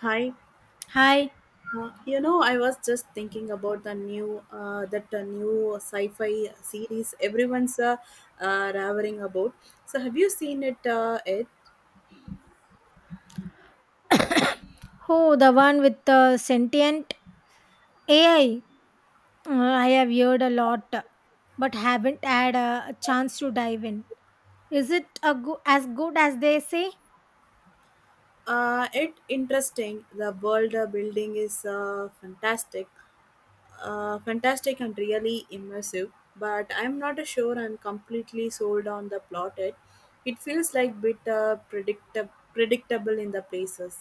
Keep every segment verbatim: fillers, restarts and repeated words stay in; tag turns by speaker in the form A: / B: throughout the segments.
A: Hi.
B: Hi.
A: Uh, you know, I was just thinking about the new uh, that uh, new sci-fi series everyone's uh, uh, ravering about. So, have you seen it? Uh, it
B: Who the one with the sentient A I? Uh, I have heard a lot, but haven't had a chance to dive in. Is it a go- as good as they say?
A: uh, it interesting. The world uh, building is uh, fantastic, uh, fantastic and really immersive. But I'm not sure I'm completely sold on the plot. It it feels like bit uh, predict- predictable in the places.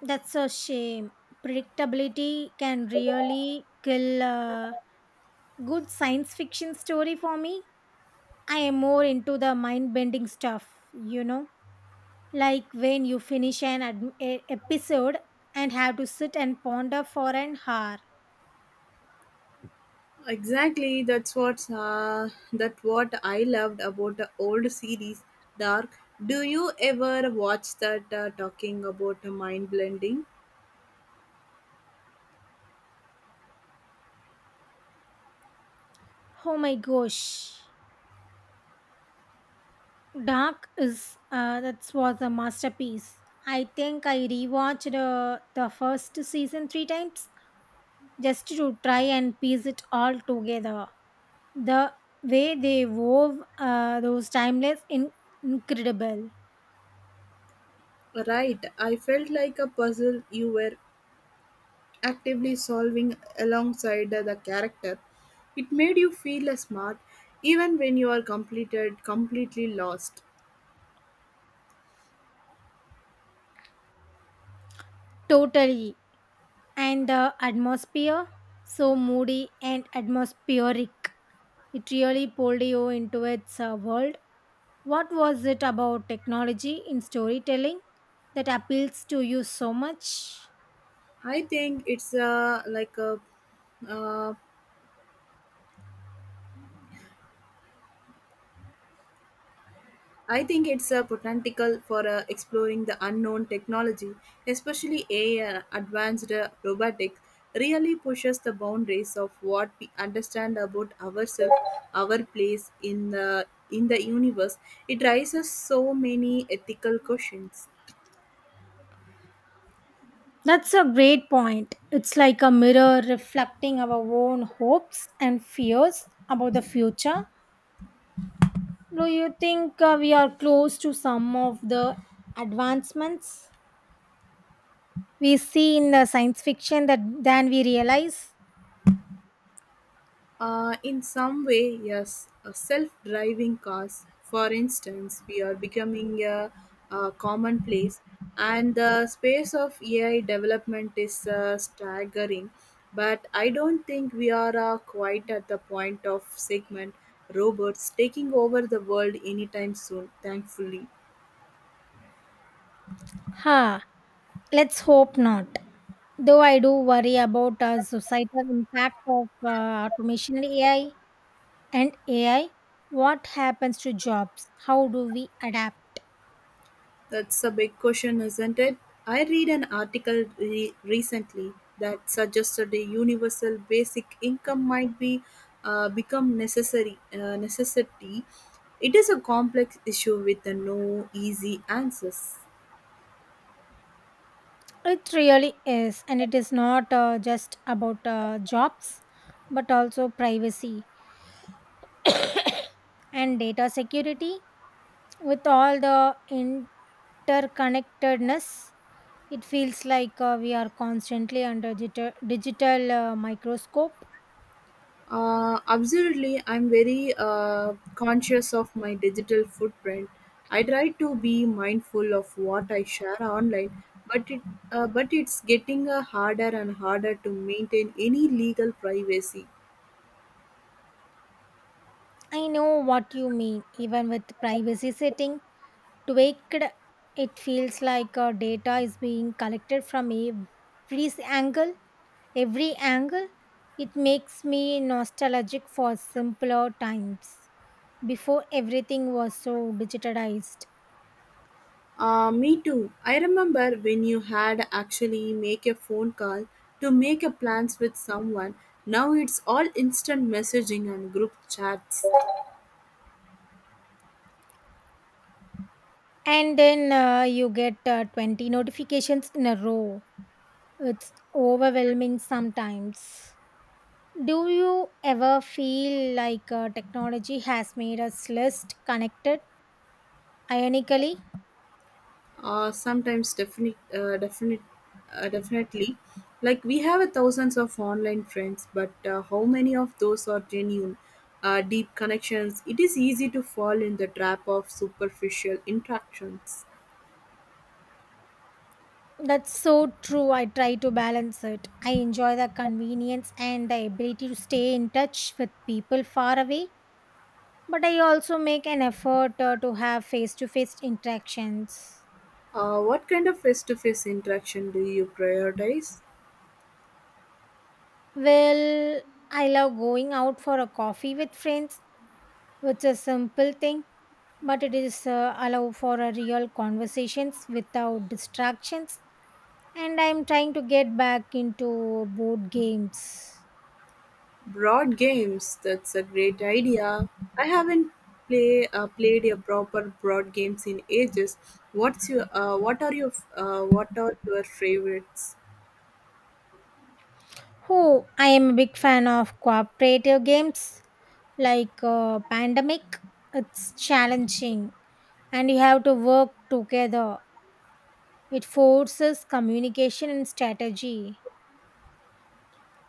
B: That's a shame. Predictability can really kill a good science fiction story for me. I am more into the mind bending stuff, you know? Like when you finish an ad- a- episode and have to sit and ponder for an hour.
A: Exactly, that's what uh, that what I loved about the old series Dark. Do you ever watch that uh, talking about the mind blending?
B: Oh my gosh. Dark is, uh, that was a masterpiece. I think I rewatched uh, the first season three times just to try and piece it all together. The way they wove uh, those timeless, in- incredible,
A: Right, I felt like a puzzle you were actively solving alongside the character. It made you feel uh, smart even when you are completed completely lost.
B: totally, and the atmosphere so moody and atmospheric. It really pulled you into its uh, world. What was it about technology in storytelling that appeals to you so much?
A: I think it's uh, like a uh, I think it's a potential for uh, exploring the unknown technology, especially A I and advanced uh, robotics, really pushes the boundaries of what we understand about ourselves, our place in the in the universe. It raises so many ethical questions.
B: That's a great point. It's like a mirror reflecting our own hopes and fears about the future. Do you think uh, we are close to some of the advancements we see in the science fiction that than we realize?
A: Uh, in some way, yes. Uh, self-driving cars, for instance, we are becoming a, a commonplace, and the space of A I development is uh, staggering. But I don't think we are uh, quite at the point of segment robots taking over the world anytime soon. Thankfully.
B: Ha, let's hope not. Though I do worry about uh, societal impact of uh, automation and A I and AI, what happens to jobs? How do we adapt?
A: That's a big question, isn't it? I read an article re- recently that suggested a universal basic income might be uh, become necessary uh, necessity. It is a complex issue with no easy answers.
B: It really is, and it is not uh, just about uh, jobs, but also privacy and data security. With all the interconnectedness, it feels like uh, we are constantly under digital, digital uh, microscope.
A: Uh, absolutely, I'm very uh, conscious of my digital footprint. I try to be mindful of what I share online, but it uh, but it's getting uh, harder and harder to maintain any legal privacy.
B: I know what you mean. Even with privacy setting tweaked, it feels like uh, data is being collected from every angle. every angle. It makes me nostalgic for simpler times before everything was so digitalized.
A: Uh, me too. I remember when you had actually make a phone call to make a plans with someone. Now it's all instant messaging and group chats.
B: And then uh, you get uh, twenty notifications in a row. It's overwhelming sometimes. Do you ever feel like uh, technology has made us less connected? Ironically,
A: uh, sometimes definite, uh, definite, uh, definitely. Like we have a thousands of online friends, but uh, how many of those are genuine, uh, deep connections? It is easy to fall in the trap of superficial interactions.
B: that's so true. I try to balance it. I enjoy the convenience and the ability to stay in touch with people far away, but I also make an effort uh, to have face to face interactions.
A: Uh, what kind of face-to-face interaction do you prioritize?
B: Well, I love going out for a coffee with friends, which is a simple thing, but it is uh, allow for a real conversations without distractions. And I'm trying to get back into board games.
A: Broad games. That's a great idea. I haven't play uh, played a proper broad games in ages. What's your uh, what are your uh, what are your favorites?
B: Oh, I am a big fan of cooperative games like, uh, Pandemic. It's challenging, and you have to work together. It forces communication and strategy.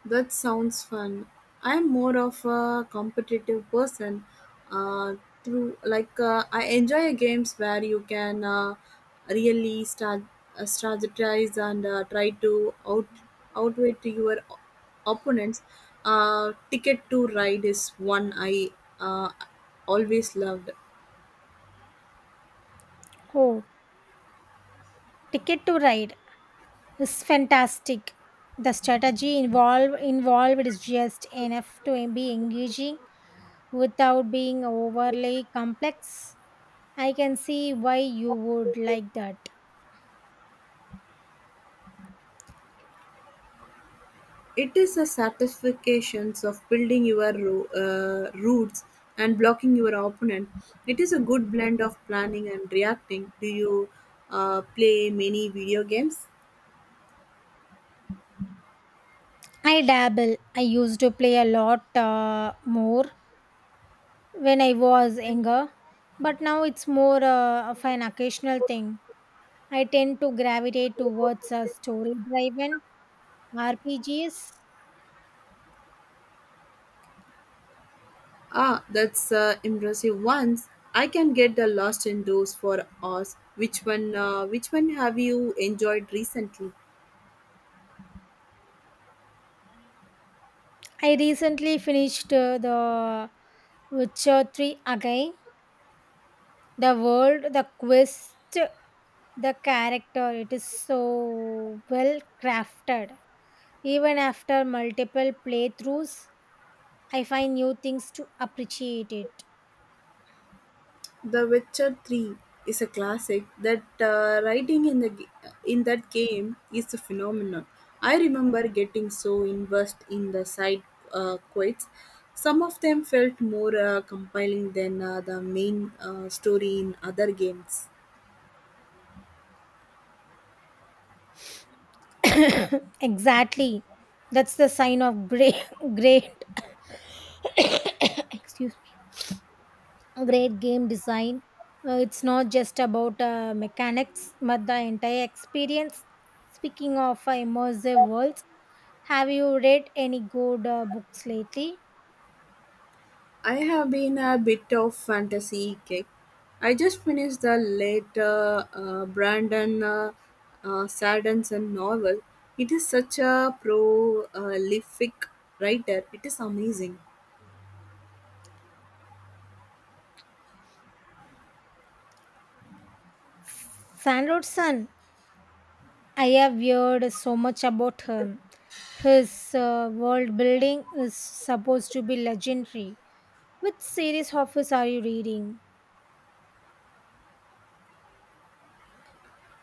A: That sounds fun. I'm more of a competitive person. Uh, through like uh, I enjoy games where you can uh, really start uh, strategize and uh, try to out outwit your op- opponents. Uh, Ticket to Ride is one I uh, always loved.
B: Oh, Ticket to Ride is fantastic. The strategy involved involved is just enough to be engaging without being overly complex. I can see why you would like that.
A: It is a satisfaction of building your ro- uh, roots and blocking your opponent. It is a good blend of planning and reacting. Do you uh, play many video games?
B: I dabble. I used to play a lot uh, more when I was younger, but now it's more uh, of an occasional thing. I tend to gravitate towards a story driven R P Gs.
A: Ah, that's uh, impressive. Once I can get the lost in those for us. Which one? Uh, which one have you enjoyed recently?
B: I recently finished uh, The Witcher three again. The world, the quest, the character, it is so well crafted. Even after multiple playthroughs, I find new things to appreciate it.
A: The Witcher three is a classic. That uh, writing in the g- in that game is a phenomenon. I remember getting so immersed in the side uh, quests. Some of them felt more uh, compelling than uh, the main uh, story in other games.
B: Exactly. That's the sign of great, great. Excuse great game design. Uh, it's not just about uh, mechanics, but the entire experience. Speaking of uh, immersive worlds, have you read any good uh, books lately?
A: I have been a bit of fantasy kick. I just finished the later uh, uh, Brandon uh, uh, Sanderson novel. It is such a prolific writer. It is amazing.
B: Sandroson, I have heard so much about him. His uh, world building is supposed to be legendary. Which series of his are you reading?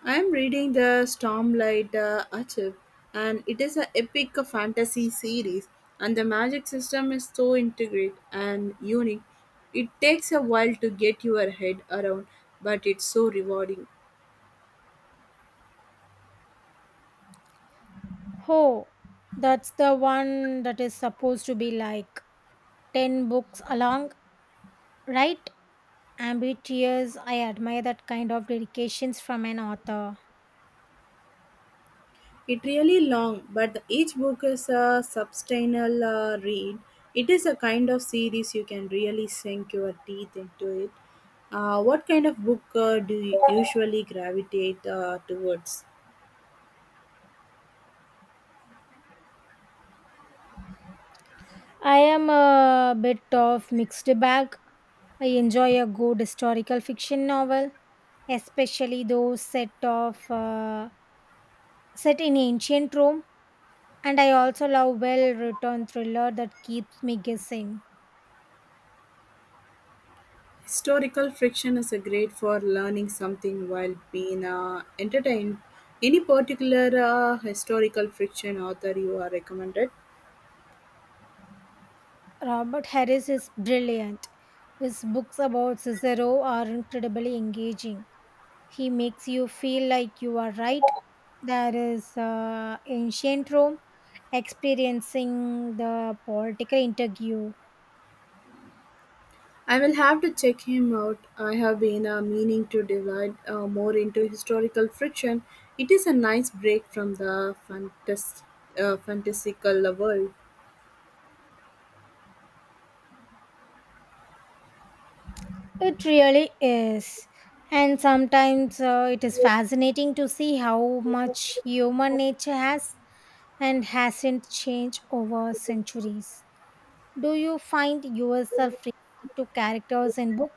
A: I am reading the Stormlight uh, Archive, and it is an epic fantasy series. And the magic system is so intricate and unique. It takes a while to get your head around, but it's so rewarding.
B: Oh, that's the one that is supposed to be like ten books along, right? Ambitious, I admire that kind of dedications from an author.
A: It really long, but each book is a substantial uh, read. It is a kind of series you can really sink your teeth into it. Uh, what kind of book uh, do you usually gravitate uh, towards?
B: I am a bit of mixed bag. I enjoy a good historical fiction novel, especially those set of uh, set in ancient Rome, and I also love well-written thriller that keeps me guessing.
A: Historical fiction is a great for learning something while being uh, entertained. Any particular uh, historical fiction author you are recommended?
B: Robert Harris is brilliant. His books about Cicero are incredibly engaging. He makes you feel like you are right. There is uh, ancient Rome experiencing the political interview.
A: I'll have to check him out. I have been uh, meaning to divide uh, more into historical friction. It is a nice break from the fantas- uh, fantastical world.
B: It really is. And sometimes uh, it is fascinating to see how much human nature has and hasn't changed over centuries. Do you find yourself relating to characters in book?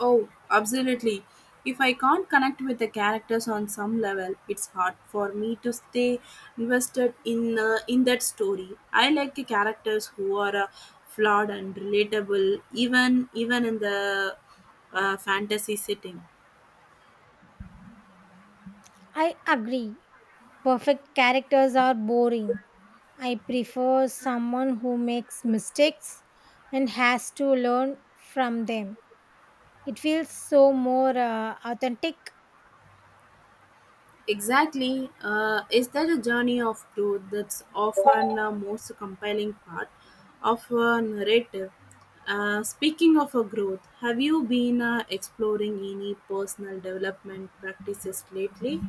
A: Oh, absolutely. If I can't connect with the characters on some level, it's hard for me to stay invested in uh, in that story. I like characters who are uh, flawed and relatable, even even in the uh, fantasy setting.
B: I agree. Perfect characters are boring. I prefer someone who makes mistakes and has to learn from them. It feels so more uh, authentic.
A: Exactly. Uh, is that a journey of growth that's often the most compelling part of a narrative? Uh, speaking of a growth, have you been uh, exploring any personal development practices lately?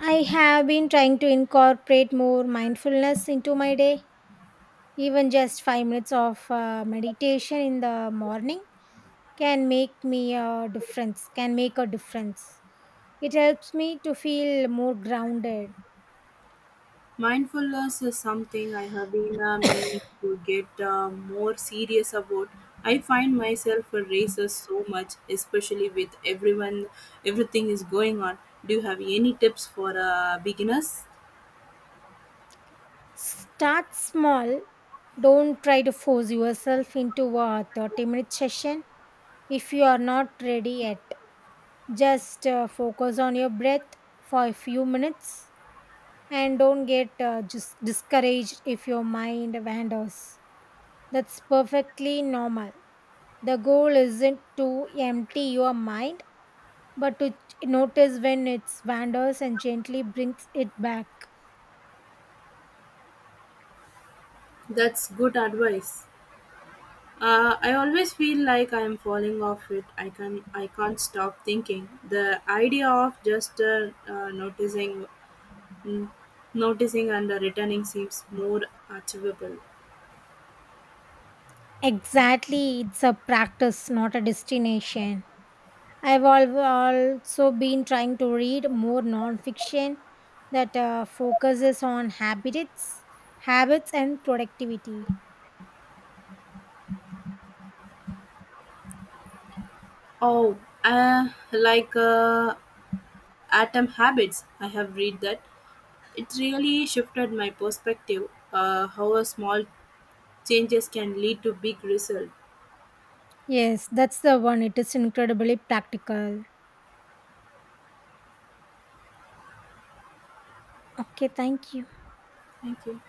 B: I have been trying to incorporate more mindfulness into my day. Even just five minutes of uh, meditation in the morning can make me a difference. Can make a difference. It helps me to feel more grounded.
A: Mindfulness is something I have been uh, meaning to get uh, more serious about. I find myself a racer so much, especially with everyone, everything is going on. Do you have any tips for uh, beginners?
B: Start small. Don't try to force yourself into a thirty minute session if you are not ready yet. Just uh, focus on your breath for a few minutes and don't get uh, just discouraged if your mind wanders. That's perfectly normal. The goal isn't to empty your mind but to notice when it wanders and gently brings it back.
A: That's good advice. Uh, I always feel like I'm falling off it. I can I can't stop thinking. The idea of just uh, uh, noticing, mm, noticing and uh, returning seems more achievable.
B: Exactly, it's a practice, not a destination. I've al- also been trying to read more nonfiction that uh, focuses on habits, habits and productivity.
A: Oh, uh, like uh, Atom Habits. I have read that. It really shifted my perspective. Uh, how a small changes can lead to big result.
B: Yes, that's the one. It is incredibly practical. Okay, thank you.
A: Thank you.